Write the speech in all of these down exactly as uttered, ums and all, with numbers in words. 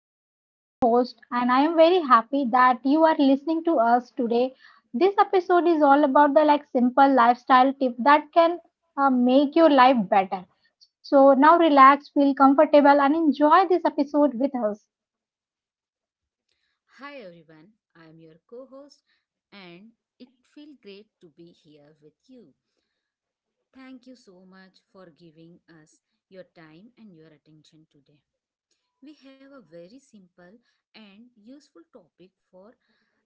Like, I am your host, and I am very happy that you are listening to us today. This episode is all about the like simple lifestyle tip that can uh, make your life better. So, now relax, feel comfortable, and enjoy this episode with us. Hi everyone, I am your co host and it feels great to be here with you. Thank you so much for giving us your time and your attention today. We have a very simple and useful topic for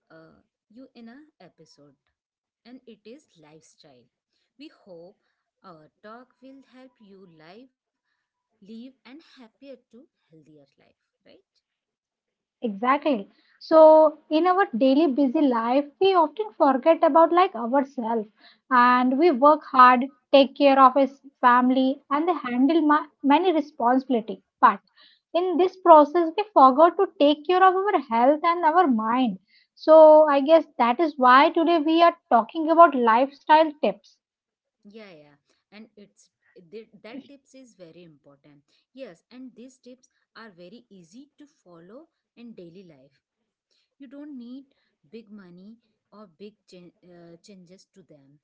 uh, you in a episode, and it is lifestyle. We hope our talk will help you live, live and happier to healthier life, right? Exactly. So, in our daily busy life, we often forget about like ourselves, and we work hard, take care of his family, and they handle ma- many responsibility. But in this process, we forgot to take care of our health and our mind. So, I guess that is why today we are talking about lifestyle tips. yeah yeah and it's th- that tips is very important. Yes, and these tips are very easy to follow in daily life. You don't need big money or big chan- uh, changes to them,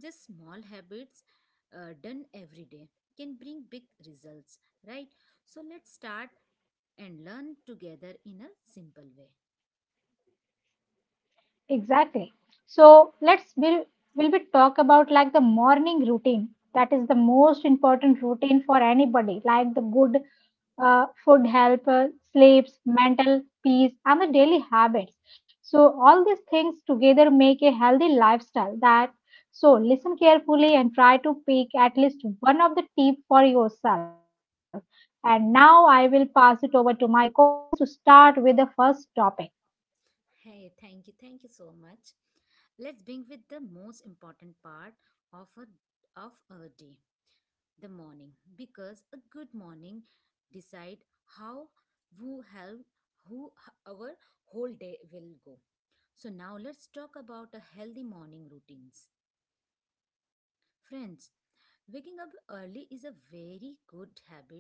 just small habits uh, done every day can bring big results, right? So let's start and learn together in a simple way. Exactly. So let's will will we talk about like the morning routine. That is the most important routine for anybody. Like the good, uh, food, help, uh, sleeps, mental peace, and the daily habits. So all these things together make a healthy lifestyle. That so listen carefully and try to pick at least one of the tip for yourself. And now I will pass it over to my co-host to start with the first topic. Hey, thank you thank you so much. Let's begin with the most important part of a of a day, the morning, because a good morning decide how who help who h- our whole day will go. So now let's talk about a healthy morning routines. Friends, waking up early is a very good habit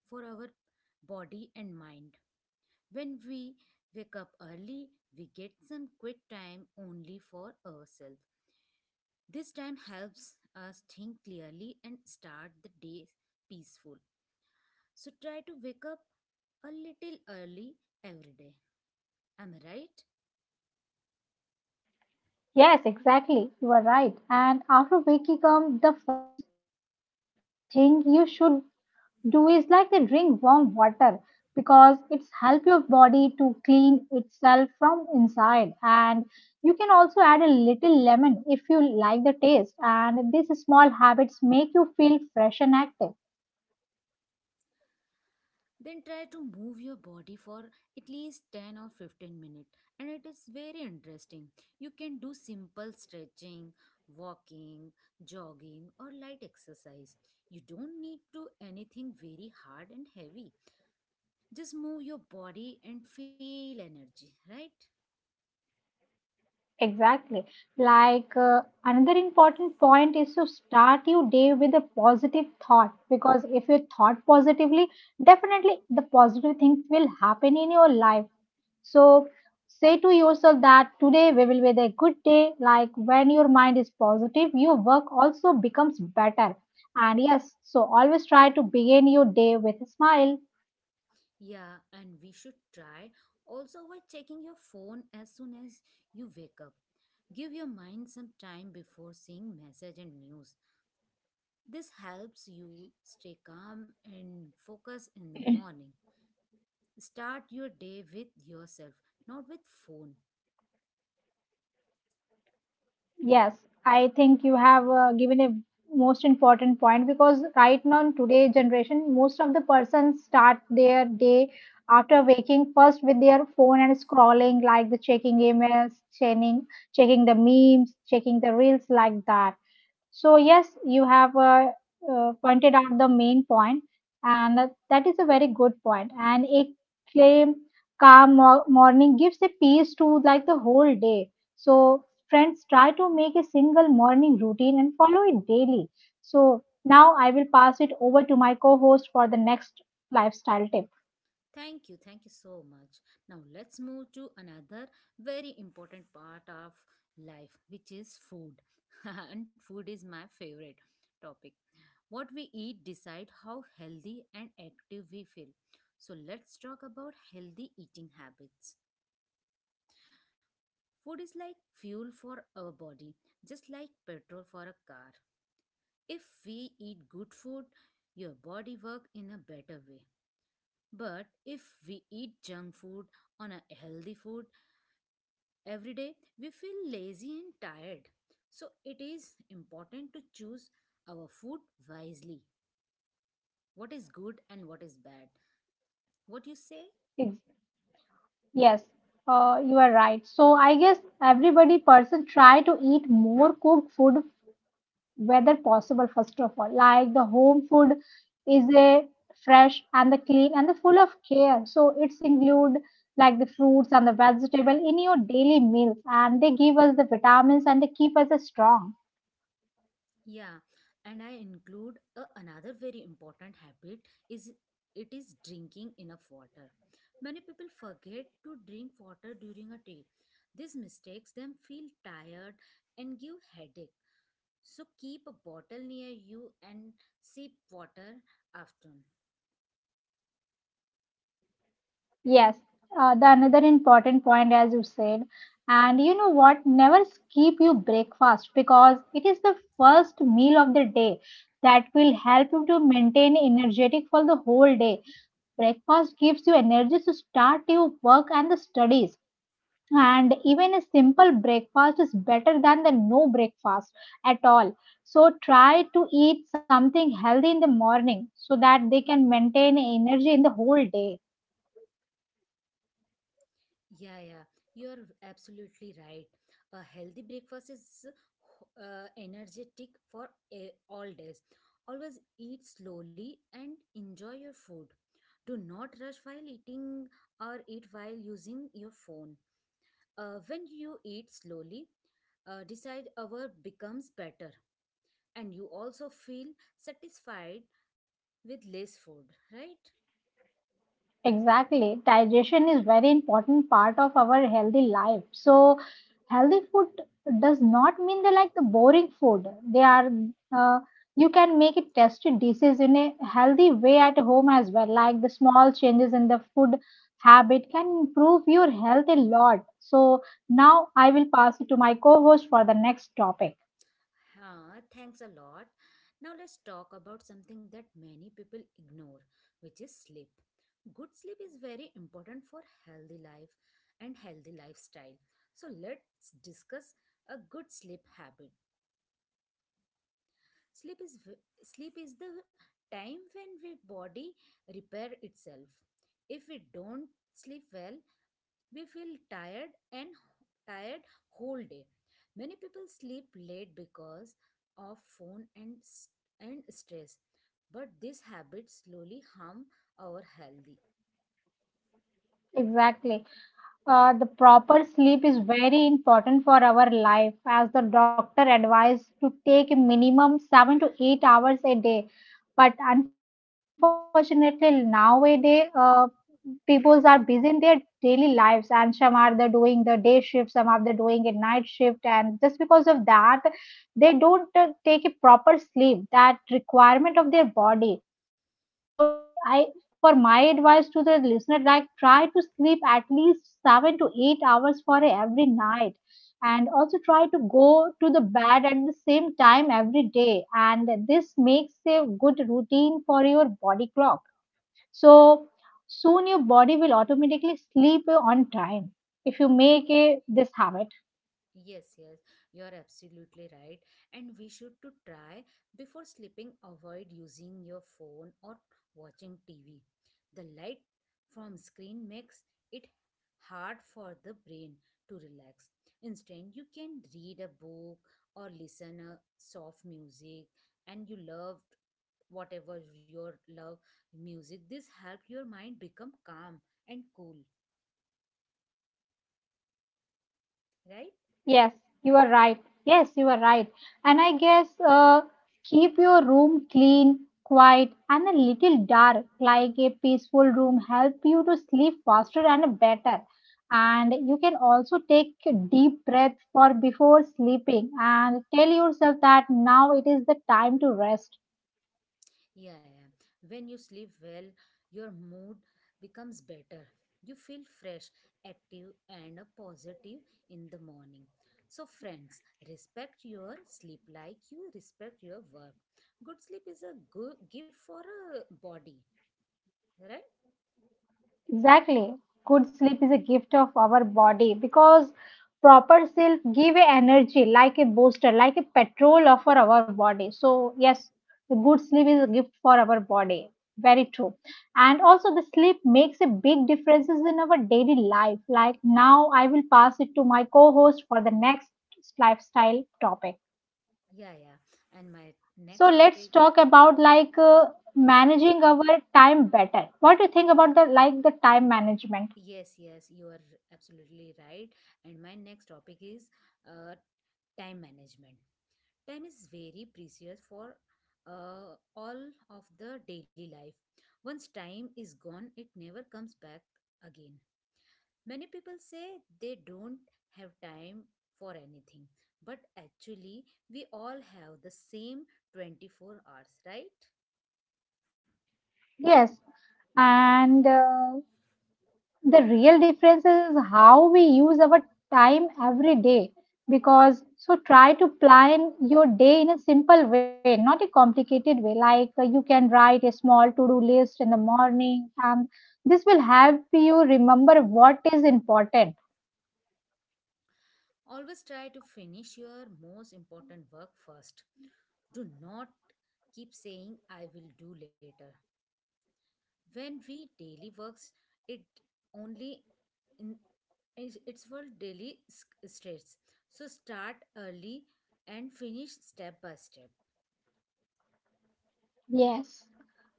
for our body and mind. When we wake up early, we get some quick time only for ourselves. This time helps us think clearly and start the day peaceful. So try to wake up a little early every day. Am I right? Yes, exactly. You are right. And after waking up, the first thing you should do is like to drink warm water because it's help your body to clean itself from inside. And you can also add a little lemon if you like the taste. And these small habits make you feel fresh and active. Then try to move your body for at least ten or fifteen minutes. And it is very interesting. You can do simple stretching, walking, jogging, or light exercise. You don't need to anything very hard and heavy. Just move your body and feel energy, right? Exactly. Like uh, another important point is to start your day with a positive thought, because if you thought positively, definitely the positive things will happen in your life. So say to yourself that today we will be a good day. Like when your mind is positive, your work also becomes better. And yes, so always try to begin your day with a smile. Yeah, and we should try also by checking your phone as soon as you wake up. Give your mind some time before seeing message and news. This helps you stay calm and focus in the morning. Start your day with yourself, not with phone. Yes, I think you have uh, given a most important point, because right now in today's generation, most of the persons start their day after waking first with their phone and scrolling, like the checking emails, checking checking the memes, checking the reels like that. So yes, you have uh, uh, pointed out the main point, and that that is a very good point. And a claim calm mo- morning gives a peace to like the whole day. So friends, try to make a single morning routine and follow it daily. So now I will pass it over to my co-host for the next lifestyle tip. Thank you, thank you so much. Now let's move to another very important part of life, which is food. And food is my favorite topic. What we eat decide how healthy and active we feel. So let's talk about healthy eating habits. Food is like fuel for our body, just like petrol for a car. If we eat good food, your body work in a better way. But if we eat junk food on a healthy food, every day we feel lazy and tired. So it is important to choose our food wisely. What is good and what is bad. What you say? Ex- Yes, uh, you are right. So I guess everybody person try to eat more cooked food whether possible. First of all, like the home food is a fresh and the clean and the full of care, so it's include like the fruits and the vegetable in your daily meals, and they give us the vitamins and they keep us uh, strong. Yeah. And I include a, another very important habit is it is drinking enough water. Many people forget to drink water during a day. This mistakes them feel tired and give headache. So keep a bottle near you and sip water after. And Yes, uh, the mhm. another important point, as you said, and you know what, never skip your breakfast because it is the first meal of the day that will help you to maintain energetic for the whole day. Breakfast gives you energy to start your work and the studies. And even a simple breakfast is better than the no breakfast at all. So try to eat something healthy in the morning so that they can maintain energy in the whole day. Yeah, yeah, you're absolutely right. A healthy breakfast is uh, energetic for a, all days. Always eat slowly and enjoy your food. Do not rush while eating or eat while using your phone. Uh, when you eat slowly, uh, decide our becomes better, and you also feel satisfied with less food, right? Exactly. Digestion is very important part of our healthy life. So healthy food does not mean they like the boring food. They are, uh, you can make it tasty dishes in a healthy way at home as well. Like the small changes in the food habit can improve your health a lot. So now I will pass it to my co-host for the next topic. Huh, thanks a lot. Now let's talk about something that many people ignore, which is sleep. Good sleep is very important for healthy life and healthy lifestyle. So let's discuss a good sleep habit. Sleep is v- sleep is the time when we body repair itself. If we don't sleep well, we feel tired and tired whole day. Many people sleep late because of phone and s- and stress, but this habit slowly harm our health. Exactly. Uh, the proper sleep is very important for our life, as the doctor advised to take a minimum seven to eight hours a day. But unfortunately, nowadays, uh, people are busy in their daily lives, and some are the doing the day shift, some are the doing a night shift, and just because of that, they don't uh, take a proper sleep that requirement of their body. So I for my advice to the listener, like try to sleep at least seven to eight hours for every night, and also try to go to the bed at the same time every day, and this makes a good routine for your body clock. So soon your body will automatically sleep on time if you make a, this habit. Yes, yes, you're absolutely right. And we should to try before sleeping avoid using your phone or watching T V. The light from screen makes it hard for the brain to relax. Instead, you can read a book or listen a soft music and you loved whatever your love music. This help your mind become calm and cool, right? Yes, you are right. Yes, you are right. And I guess, uh, keep your room clean, quiet, and a little dark, like a peaceful room, help you to sleep faster and better. And you can also take a deep breath for before sleeping and tell yourself that now it is the time to rest. Yeah, yeah. When you sleep well, your mood becomes better. You feel fresh, active, and uh, positive in the morning. So, friends, respect your sleep like you respect your work. Good sleep is a good gift for a body, right? Exactly. Good sleep is a gift of our body, because proper sleep give a energy like a booster, like a petrol for our body. So yes, the good sleep is a gift for our body. Very true. And also the sleep makes a big differences in our daily life. Like now I will pass it to my co-host for the next lifestyle topic. Yeah, yeah. And my So next let's topic. talk about like uh, managing our time better. What do you think about the like the time management? Yes, yes, you are absolutely right. And my next topic is uh, time management. Time is very precious for uh, all of the daily life. Once time is gone, it never comes back again. Many people say they don't have time for anything, but actually, we all have the same twenty-four hours, right? Yes, and uh, the real difference is how we use our time every day. Because so try to plan your day in a simple way, not a complicated way. Like uh, you can write a small to-do list in the morning, and this will help you remember what is important. Always try to finish your most important work first. Do not keep saying, I will do later. When we daily works, it only in is- it's for daily s- stress. So start early and finish step by step. Yes,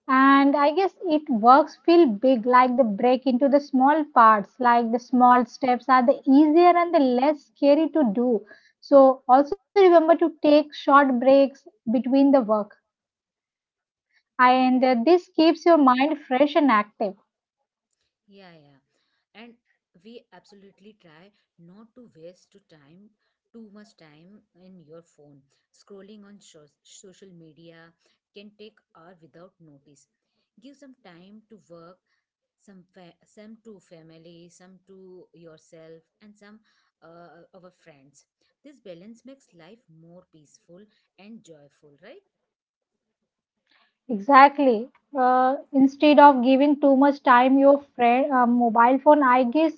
and I guess it works feel big, like the break into the small parts, like the small steps are the easier and the less scary to do. So also remember to take short breaks between the work, and uh, this keeps your mind fresh and active. Yeah, yeah, and we absolutely try not to waste to time too much time in your phone scrolling on sho- social media can take hour without notice. Give some time to work, some fa- some to family, some to yourself, and some uh, our friends. This balance makes life more peaceful and joyful, right? Exactly. Uh, instead of giving too much time your friend uh, mobile phone, I guess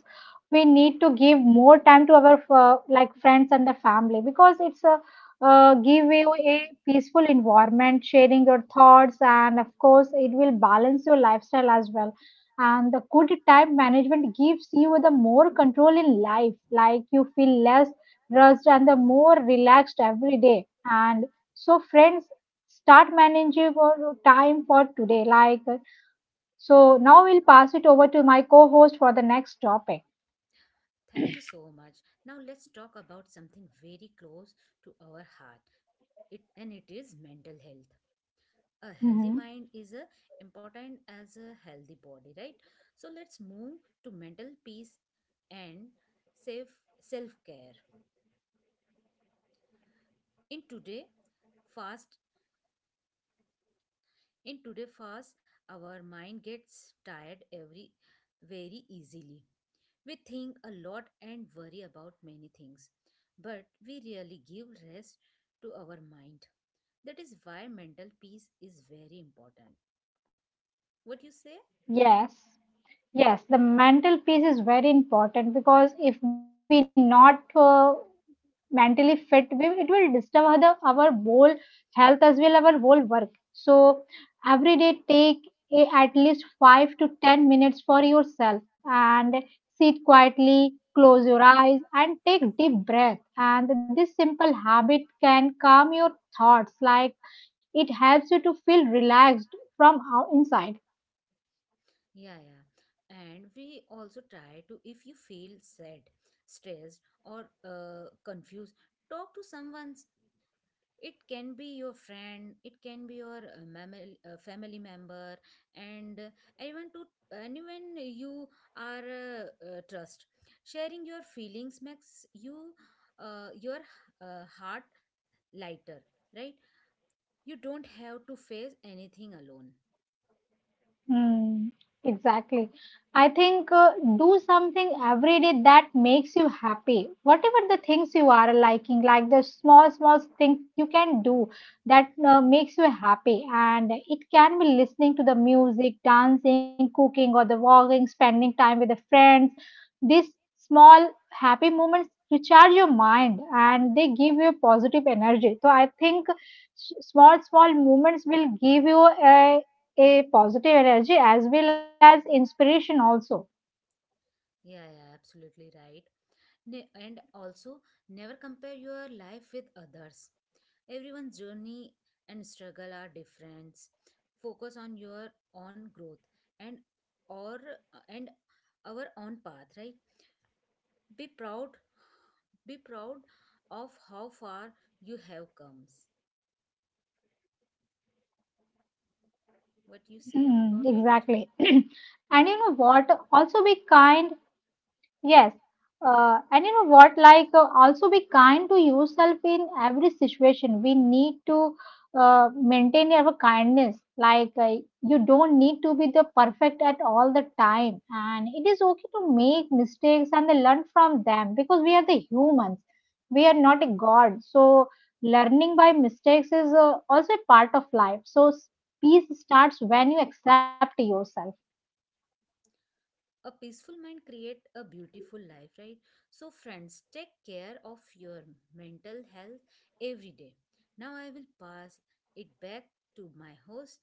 we need to give more time to our uh, like friends and the family, because it's a, uh, give you a peaceful environment, sharing your thoughts, and of course it will balance your lifestyle as well. And the good time management gives you the more control in life, like you feel less rushed and the more relaxed every day. And so friends, start managing your time for today. Like, so now we'll pass it over to my co host for the next topic. Thank you so much. Now let's talk about something very close to our heart, it and it is mental health. A healthy Hmm. mind is a important as a healthy body, right? So let's move to mental peace and safe self care in today fast in today's fast, our mind gets tired every very easily. We think a lot and worry about many things, but we really give rest to our mind. That is why mental peace is very important. What you say? Yes, yes, the mental piece is very important, because if we not uh, mentally fit, we it will disturb our the, our whole health as well our whole work. So every day take a, at least five to ten minutes for yourself and sit quietly, close your eyes and take deep breath, and this simple habit can calm your thoughts, like it helps you to feel relaxed from out- inside. Yeah, yeah. And we also try to, if you feel sad, stressed, or uh, confused, talk to someone. It can be your friend, it can be your uh, mammal- uh, family member, and uh, anyone to anyone you are uh, uh, trust. Sharing your feelings makes you uh, your uh, heart lighter, right? You don't have to face anything alone. Hmm. Exactly. I think, uh, do something every day that makes you happy. Whatever the things you are liking, like the small, small things you can do that uh, makes you happy. And it can be listening to the music, dancing, cooking, or the walking, spending time with the friends. These small happy moments recharge your mind and they give you positive energy. So I think s- small, small moments will give you a a positive energy as well as inspiration also. Yeah, yeah, absolutely right. Ne- and also never compare your life with others. Everyone's journey and struggle are different. Focus on your own growth and or and our own path, right? Be proud be proud of how far you have comes. What you say Mm, about it? exactly. And you know what? Also be kind. Yes. Uh, and you know what? Like, uh, also be kind to yourself in every situation. We need to uh, maintain our kindness. Like, uh, you don't need to be the perfect at all the time. And it is okay to make mistakes and then learn from them, because we are the humans. We are not a god. So, learning by mistakes is uh, also a part of life. So, s- peace starts when you accept yourself. A peaceful mind create a beautiful life, right? So friends, take care of your mental health every day. Now I will pass it back to my host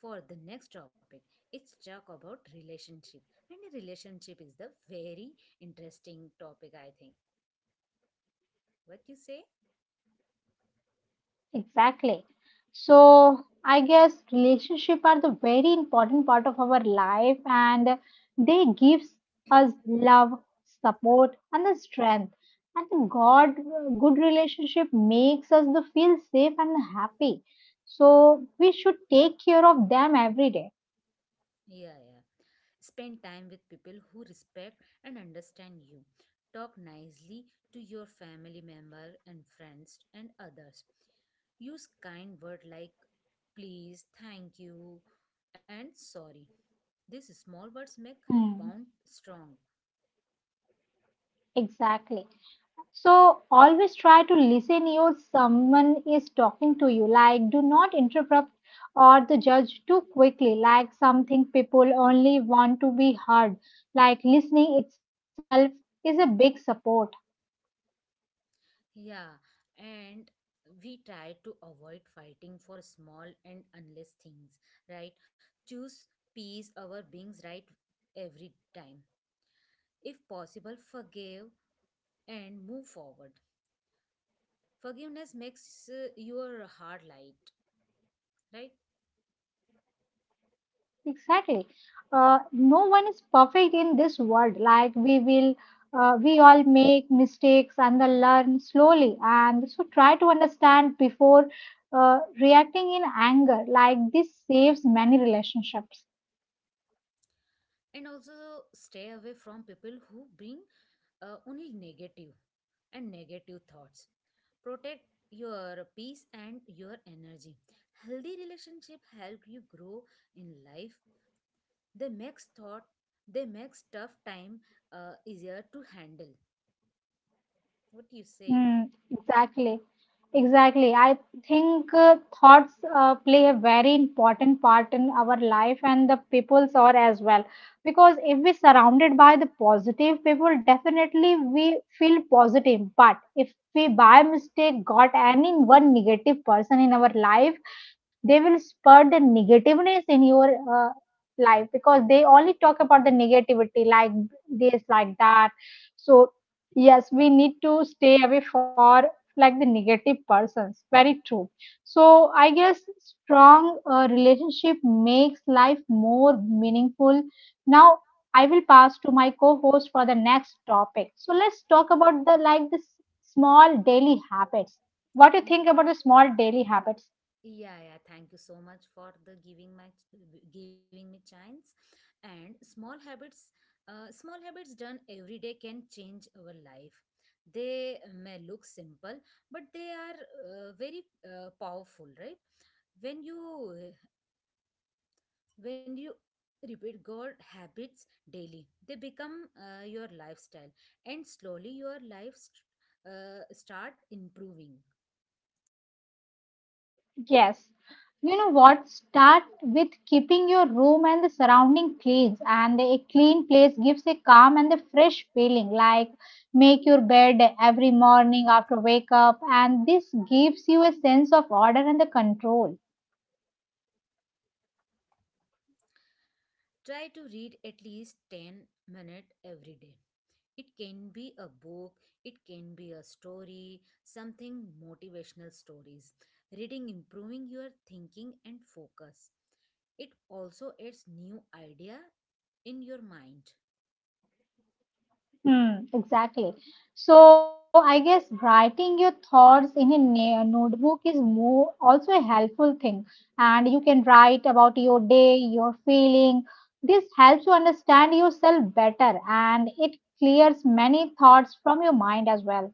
for the next topic. It's talk about relationship, and a relationship is the very interesting topic, I think. What you say? Exactly. So I guess relationship are the very important part of our life, and they gives us love, support and the strength. And the God good relationship makes us the feel safe and happy. So we should take care of them every day. Yeah, yeah. Spend time with people who respect and understand you. Talk nicely to your family member and friends and others. Use kind words like please, thank you, and sorry. These small words make bond Mm. strong. Exactly. So always try to listen if someone is talking to you. Like do not interrupt or the judge too quickly. Like something people only want to be heard. Like listening itself is a big support. Yeah, and we try to avoid fighting for small and unless things, right? Choose peace over beings right every time. If possible, forgive and move forward. Forgiveness makes uh, your heart light, right? Exactly. Uh, no one is perfect in this world. Like we will, uh, we all make mistakes and then learn slowly. And so try to understand before uh, reacting in anger. Like this saves many relationships. And also stay away from people who bring uh, only negative and negative thoughts. Protect your peace and your energy. Healthy relationship help you grow in life. They makes thought they makes tough time uh, easier to handle. What do you say? Mm, exactly. Exactly. I think, uh, thoughts uh, play a very important part in our life, and the people's are as well. Because if we surrounded by the positive people, definitely we feel positive. But if we by mistake got any one negative person in our life, they will spur the negativeness in your uh, life because they only talk about the negativity like this, like that. So yes, we need to stay away for like the negative persons. Very true. So I guess strong uh, relationship makes life more meaningful. Now I will pass to my co-host for the next topic. So let's talk about the like the s- small daily habits. What do you Y- think about the small daily habits? yeah yeah thank you so much for the giving my giving me chance. And small habits, uh, small habits done every day can change our life. They may look simple, but they are uh, very uh, powerful, right? When you when you repeat good habits daily, they become uh, your lifestyle, and slowly your life st- uh, start improving. Yes, you know what? Start with keeping your room and the surrounding clean, and a clean place gives a calm and a fresh feeling. Like make your bed every morning after wake up, and this gives you a sense of order and the control. Try to read at least ten minutes every day. It can be a book, it can be a story, something motivational stories. Reading improving your thinking and focus. It also adds new idea in your mind. Hmm, exactly. So I guess writing your thoughts in a na- notebook is more also a helpful thing, and you can write about your day, your feeling. This helps you understand yourself better, and it clears many thoughts from your mind as well.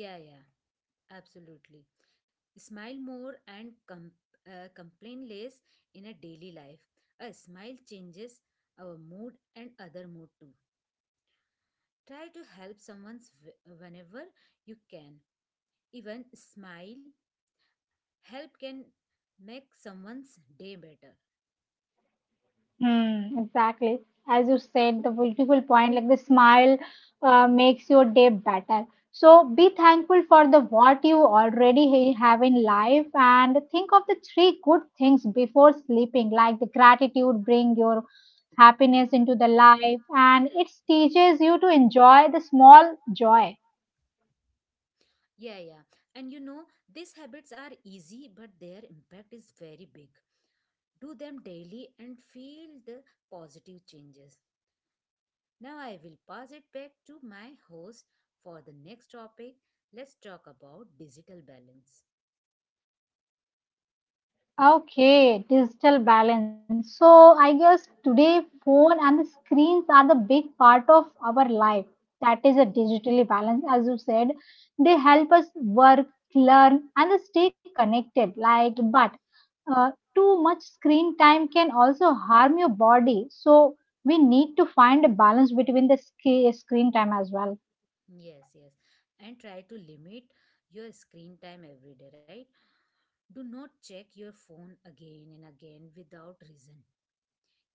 Yeah, yeah, absolutely. Smile more and com- uh, complain less in a daily life. A smile changes our mood and other mood too. Try to help someone whenever you can. Even smile, help can make someone's day better. Hmm, exactly. As you said, the beautiful point, like the smile uh, makes your day better. So be thankful for the what you already ha- have in life and think of the three good things before sleeping, like the gratitude bring your happiness into the life and it teaches you to enjoy the small joy. Yeah, yeah. And you know, these habits are easy, but their impact is very big. Do them daily and feel the positive changes. Now I will pass it back to my host for the next topic. Let's talk about digital balance. Okay, digital balance. So I guess today phone and the screens are the big part of our life. That is a digitally balance, as you said. They help us work, learn, and stay connected. Like, but uh, too much screen time can also harm your body. So we need to find a balance between the sc- screen time as well. Yes, yes. And try to limit your screen time every day, right? Do not check your phone again and again without reason.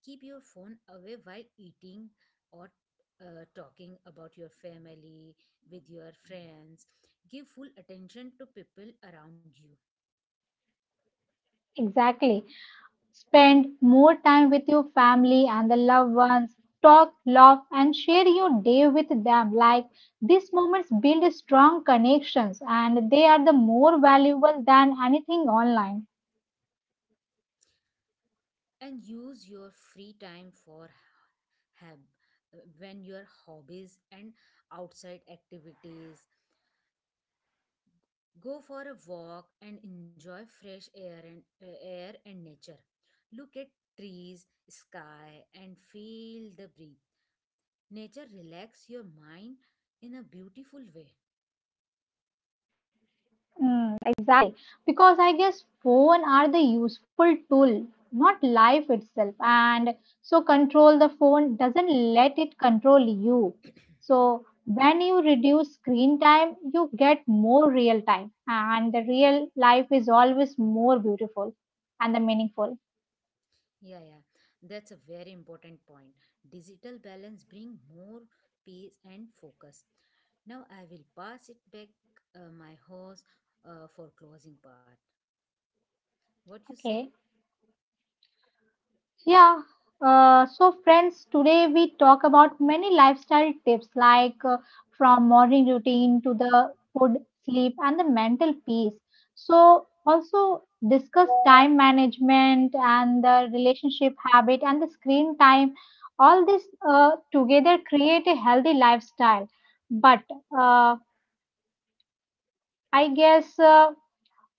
Keep your phone away while eating or uh, talking about your family with your friends. Give full attention to people around you. Exactly. Spend more time with your family and the loved ones. Talk, laugh, and share your day with them. Like these moments build strong connections and they are the more valuable than anything online. And use your free time for hab- when your hobbies and outside activities. Go for a walk and enjoy fresh air and uh, air and nature. Look at trees, sky and feel the breath. Nature relax your mind in a beautiful way. Mm, exactly. Because I guess phone are the useful tool, not life itself. And so control the phone doesn't let it control you. So when you reduce screen time, you get more real time. And the real life is always more beautiful and the meaningful. Yeah, yeah. That's a very important point. Digital balance bring more peace and focus. Now I will pass it back uh, my host uh, for closing part. What you say? Okay. Yeah. Uh, so, friends, today we talk about many lifestyle tips like uh, from morning routine to the food, sleep, and the mental peace. So, also discuss time management and the relationship habit and the screen time. All this uh, together create a healthy lifestyle. But uh, I guess uh,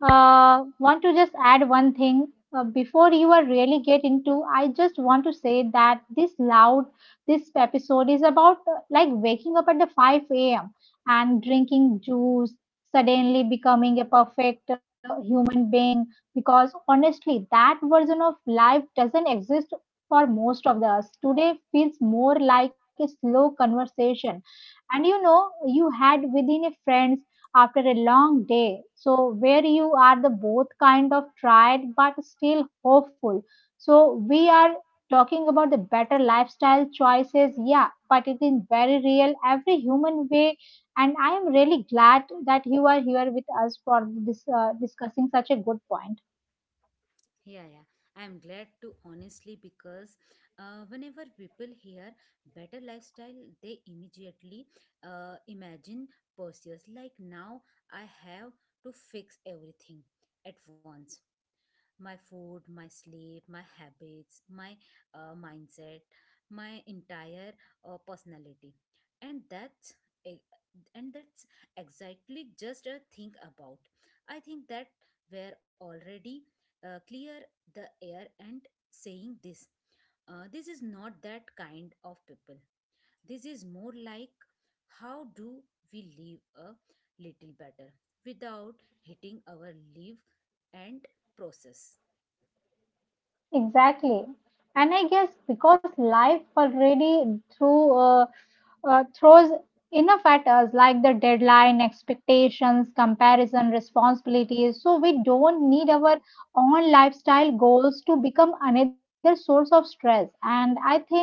uh, want to just add one thing uh, before you are really get into, I just want to say that this loud this episode is about uh, like waking up at the five a m and drinking juice suddenly becoming a perfect uh, human being, because honestly that version of life doesn't exist for most of us today. Feels more like a slow conversation and you know you had within a friend after a long day. So, where you are the both kind of tired but still hopeful. So, we are talking about the better lifestyle choices, yeah, but it is very real, every human way. And I am really glad that you are here with us for this uh, discussing such a good point. Yeah, yeah. I'm glad to honestly because uh, whenever people hear better lifestyle, they immediately uh, imagine pursuits. Like now, I have to fix everything at once, my food, my sleep, my habits, my uh, mindset, my entire uh, personality. And that's e- and that's exactly just a think about. I think that we're already uh, clear the air and saying this. Uh, this is not that kind of people. This is more like how do we live a little better without hitting our live and process. Exactly. And I guess because life already threw, uh, uh, throws enough at us, like the deadline, expectations, comparison, responsibilities. So we don't need our own lifestyle goals to become another source of stress. And I think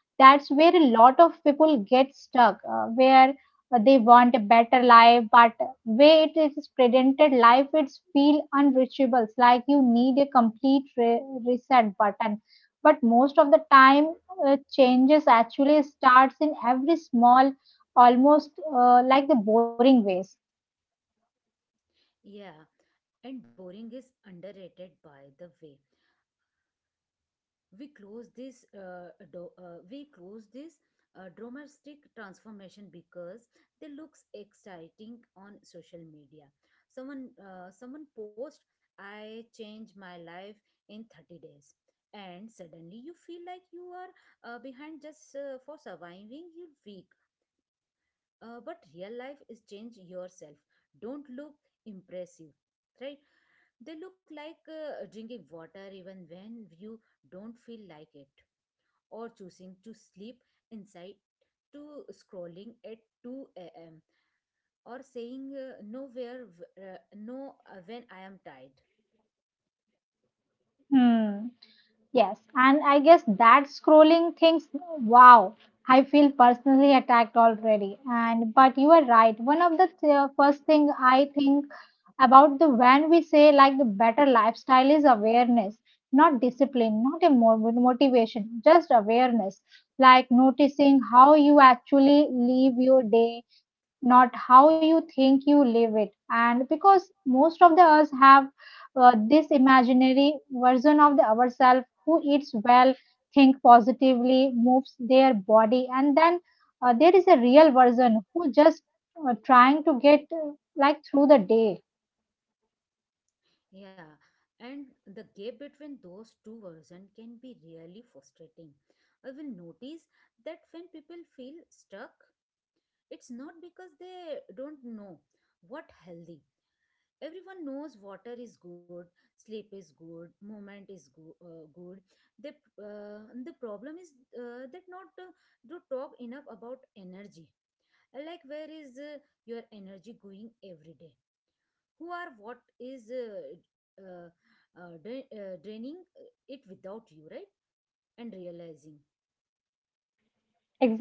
that's where a lot of people get stuck, uh, where uh, they want a better life, but way it is presented, life it's feel unreachable. It's like you need a complete re- reset button. But most of the time, uh, changes actually starts in every small, almost uh, like the boring ways. Yeah, and boring is underrated by the way. We close this uh, do, uh, we close this uh, dramatic transformation because they looks exciting on social media. Someone uh, someone post I changed my life in thirty days, and suddenly you feel like you are uh, behind just uh, for surviving your week. Uh, but real life is change yourself. Don't look impressive, right? They look like uh, drinking water even when you don't feel like it, or choosing to sleep inside to scrolling at two a m or saying uh, nowhere v- uh, no uh, when I am tired. Hmm. Yes, and I guess that scrolling thinks, wow, I feel personally attacked already. And but you are right. One of the th- first thing I think about the when we say like the better lifestyle is awareness, not discipline, not a mo- motivation, just awareness. Like noticing how you actually live your day, not how you think you live it. And because most of the us have uh, this imaginary version of the ourselves who eats well, think positively, moves their body, and then uh, there is a real version who just uh, trying to get uh, like through the day. Yeah, and the gap between those two versions can be really frustrating. I will notice that when people feel stuck, it's not because they don't know what healthy, everyone knows water is good, sleep is good, movement is go- uh, good. The uh, the problem is uh, that not uh, to talk enough about energy, like where is uh, your energy going every day, who are what is uh, uh, uh, dra- uh, draining uh, it without you, right, and realizing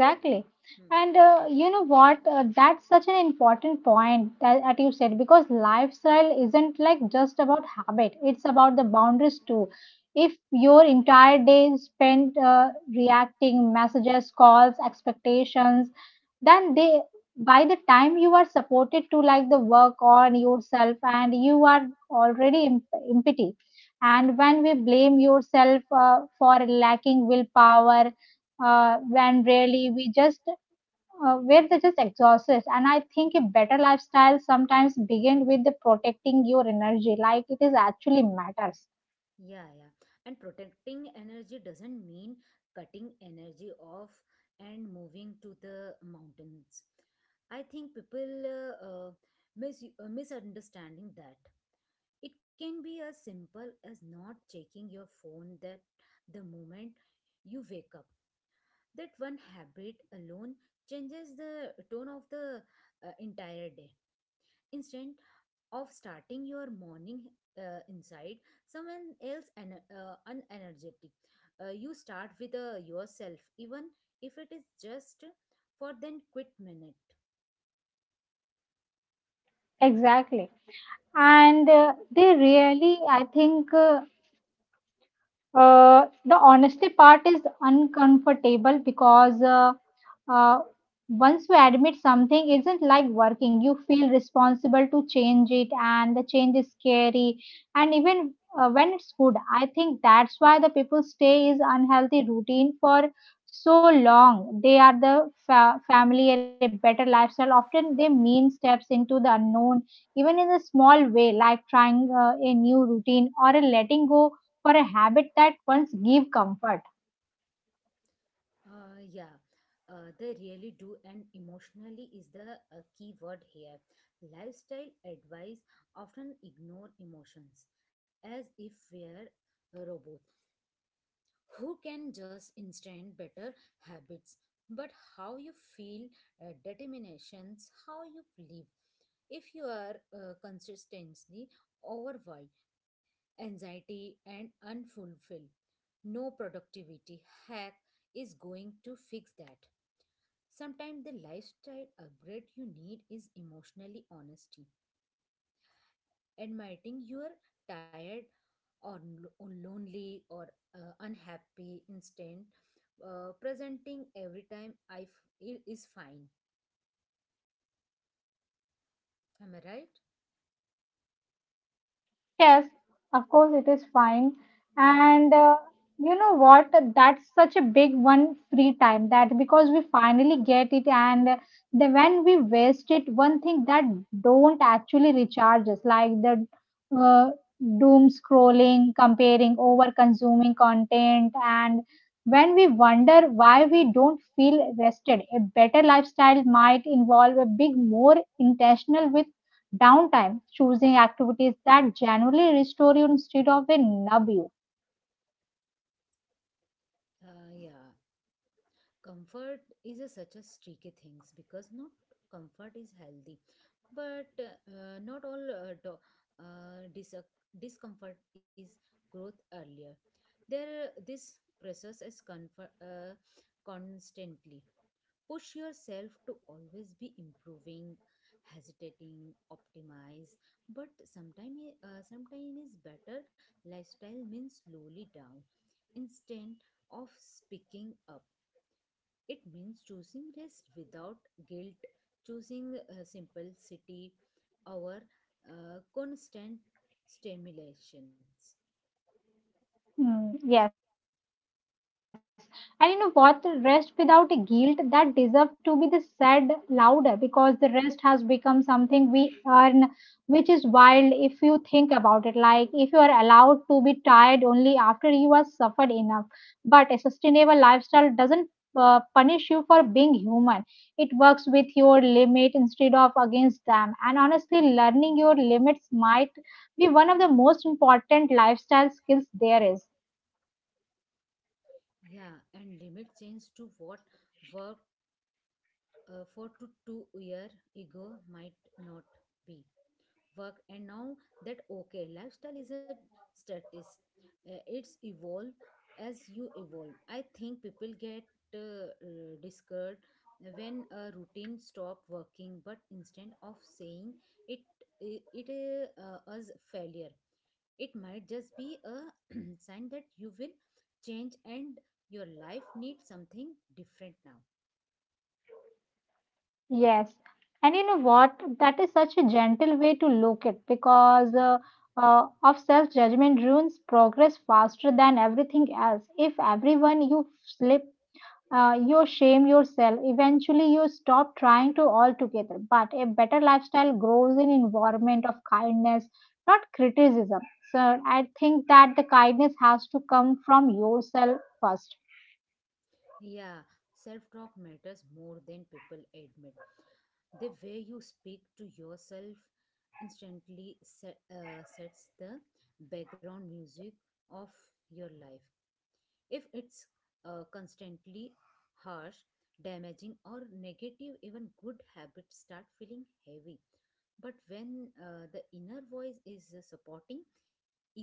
what. Hmm. And uh, you know what? Uh, that's such an important point that, that you said, because lifestyle isn't like just about habit, it's about the boundaries too. If your entire day is spent uh, reacting messages, calls, expectations, then they by the time you are supported to like the work on yourself and you are already imp- empty. And when we blame yourself uh, for lacking willpower, uh, when really we just uh, where they just exhaust us. And I think a better lifestyle sometimes begin with the protecting your energy, like it is actually matters Yeah, yeah. And protecting energy doesn't mean cutting energy off and moving to the mountains. I think people uh, uh, mis- uh, misunderstanding that. It can be as simple as not checking your phone that the moment you wake up. That one habit alone changes the tone of the uh, entire day. Instead, of starting your morning uh, inside someone else and uh, unenergetic, uh, you start with uh, yourself, even if it is just for then quit minute. exactly. And uh, they really, I think, uh, uh, the honesty part is uncomfortable because. Uh, uh, Once you admit something isn't like working, you feel responsible to change it, and the change is scary, and even uh, when it's good. I think that's why the people stay is unhealthy routine for so long. They are the fa- family or a better lifestyle often they mean steps into the unknown, even in a small way, like trying uh, a new routine or a letting go for a habit that once give comfort. Uh, yeah, uh, they really do, and emotionally is the uh, key word here. Lifestyle advice often ignore emotions, as if we're uh, robots who can just instant better habits. But how you feel uh, determinations how you live. If you are uh, consistently overwhelmed, anxiety and unfulfilled, no productivity hack is going to fix that. Sometimes the lifestyle upgrade you need is emotionally honesty, admitting you're tired or lo- lonely or uh, unhappy instant uh, presenting every time, i f- i- is fine, am I right? Yes, of course, it is fine. And uh, you know what? That's such a big one, free time, that because we finally get it, and then when we waste it, one thing that don't actually recharge us, like the uh, doom scrolling, comparing, over consuming content, and when we wonder why we don't feel rested, a better lifestyle might involve a big, more intentional with downtime, choosing activities that genuinely restore you instead of a numb you. Uh, yeah, comfort is a, such a tricky things, because not comfort is healthy, but uh, uh, not all uh, do, uh, dis- discomfort is growth earlier. There, this process is comfort, uh, constantly push yourself to always be improving, hesitating optimize. But sometimes uh, sometimes is better lifestyle means slowly down, instead of speaking up. It means choosing rest without guilt, choosing uh, simplicity over uh, constant stimulations. Mm, yes. And you know what? The rest without a guilt that deserve to be the said louder, because the rest has become something we earn, which is wild if you think about it. Like if you are allowed to be tired only after you have suffered enough. But a sustainable lifestyle doesn't uh, punish you for being human. It works with your limit instead of against them. And honestly, learning your limits might be one of the most important lifestyle skills there is. Yeah, and limit change to what work uh, for to two year ego might not be work, and now that okay lifestyle is a status. Uh, it's evolve as you evolve. I think people get uh, uh, discouraged when a routine stop working, but instead of saying it, it, it uh, as failure, it might just be a sign that you will change and your life needs something different now. Yes. And you know what? That is such a gentle way to look at, because uh, uh, of self-judgment ruins progress faster than everything else. If everyone you slip, uh, you shame yourself, eventually you stop trying to altogether. But a better lifestyle grows in environment of kindness, not criticism. So I think that the kindness has to come from yourself first. Yeah, self talk matters more than people admit. The way you speak to yourself instantly se- uh, sets the background music of your life. If it's uh, constantly harsh, damaging, or negative, even good habits start feeling heavy. But when uh, the inner voice is uh, supporting,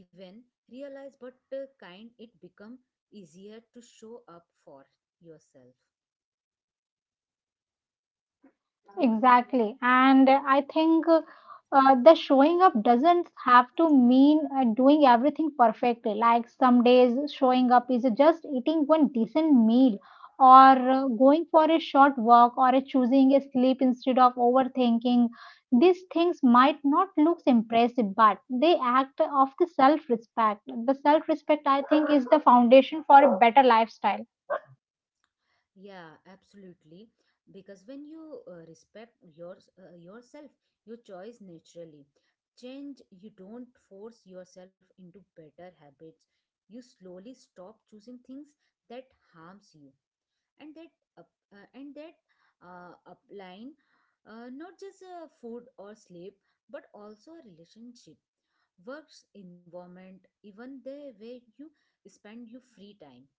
even realize but uh, kind, it become easier to show up for yourself. Right. Exactly. And uh, I think uh, uh, the showing up doesn't have to mean uh, doing everything perfectly. Like some days, showing up is just eating one decent meal or uh, going for a short walk or uh, choosing a sleep instead of overthinking. These things might not look impressive, but they act of the self respect. The self respect, I think, is the foundation for a better lifestyle. Yeah, absolutely. Because when you uh, respect your uh, yourself, your choice naturally change. You don't force yourself into better habits. You slowly stop choosing things that harms you, and that up, uh, and that uh, upline, uh, not just uh, food or sleep, but also a relationship, works, environment, even the way you spend your free time.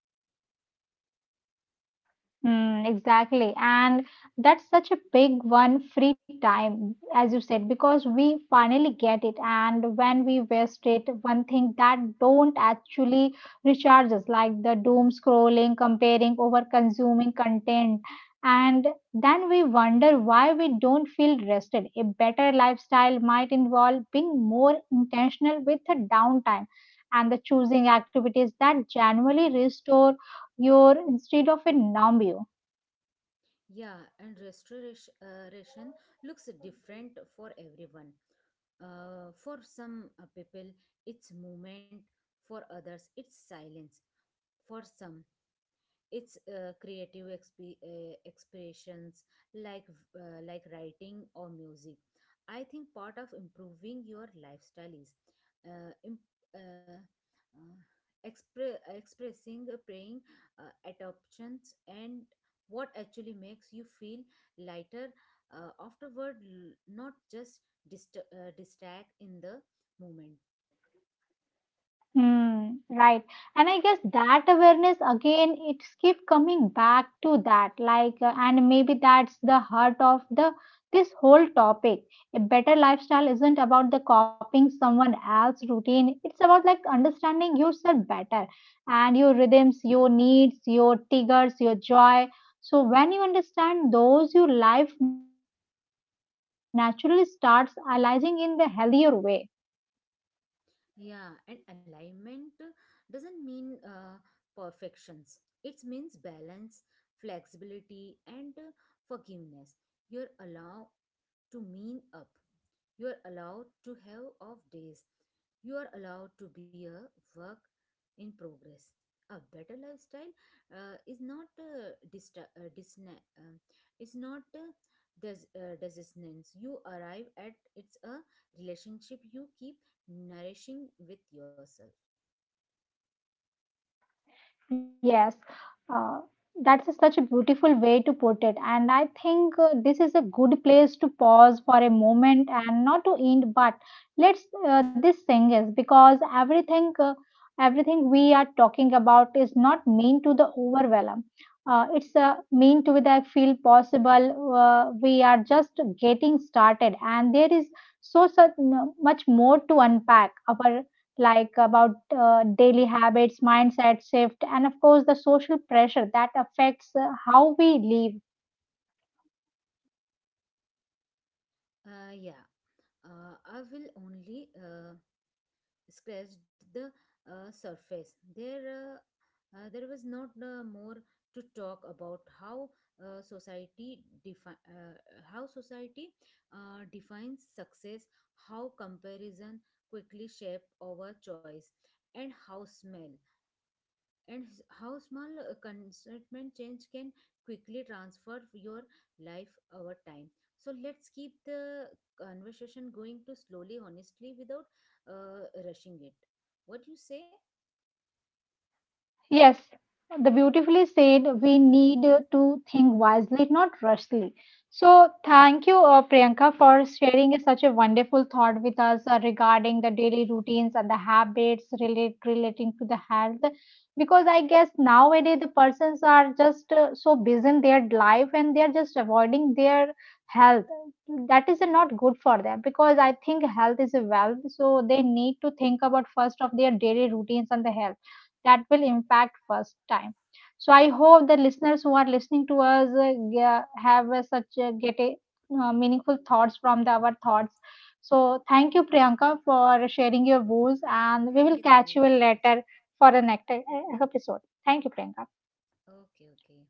Mm, exactly. And that's such a big one, free time, as you said, because we finally get it. And when we waste it, one thing that don't actually recharge us, like the doom scrolling, comparing, over consuming content. And then we wonder why we don't feel rested. A better lifestyle might involve being more intentional with the downtime and the choosing activities that genuinely restore your instead of a numb you. Yeah, and restoration looks different for everyone. Uh, for some uh, people, it's movement. For others, it's silence. For some, it's uh, creative exp- uh, expressions, like uh, like writing or music. I think part of improving your lifestyle is uh, imp- uh, uh, expre- expressing, uh, praying, uh, adoptions, and what actually makes you feel lighter uh, afterward, l- not just dist- uh, distract in the moment. Hmm, right. And I guess that awareness again, it's keep coming back to that. Like, uh, and maybe that's the heart of the this whole topic. A better lifestyle isn't about the copying someone else's routine. It's about like understanding yourself better and your rhythms, your needs, your triggers, your joy. So when you understand those, your life naturally starts aligning in the healthier way. Yeah, and alignment uh, doesn't mean uh, perfections. It means balance, flexibility, and uh, forgiveness. You're allowed to mean up. You're allowed to have off days. You are allowed to be a work in progress. A better lifestyle uh, is not uh, dista- uh, disna- um, is not uh, des- uh, dissonance. You arrive at it's a relationship you keep nourishing with yourself. Yes, uh, that's a such a beautiful way to put it. And I think uh, this is a good place to pause for a moment and not to end, but let's uh, this thing is because everything uh, everything we are talking about is not mean to the overwhelm. Uh, it's uh, mean to the feel possible. Uh, we are just getting started, and there is so such much more to unpack. Our like about uh, daily habits, mindset shift, and of course, the social pressure that affects uh, how we live. Uh, yeah, uh, I will only uh, scratched the uh, surface. There, uh, uh, there was not uh, more to talk about how uh, society defi- uh, how society uh, defines success, how comparison quickly shape our choice, and how smell and s- how small uh, contentment change can quickly transfer your life over time. So let's keep the conversation going to slowly honestly, without uh, rushing it. What do you say? Yes, the beautifully said we need uh, to think wisely, not rushly. So, thank you, uh, Priyanka, for sharing such a wonderful thought with us uh, regarding the daily routines and the habits relate, relating to the health. Because I guess nowadays the persons are just uh, so busy in their life and they are just avoiding their health. That is not good for them because I think health is a wealth. So, they need to think about first of their daily routines and the health that will impact first time. So I hope the listeners who are listening to us uh, ge- have uh, such uh, get a uh, meaningful thoughts from the, our thoughts. So thank you, Priyanka, for sharing your views, Ha, and we thank will you, thank catch you you so much. later for the next uh, episode. Thank you, Priyanka. Okay, okay.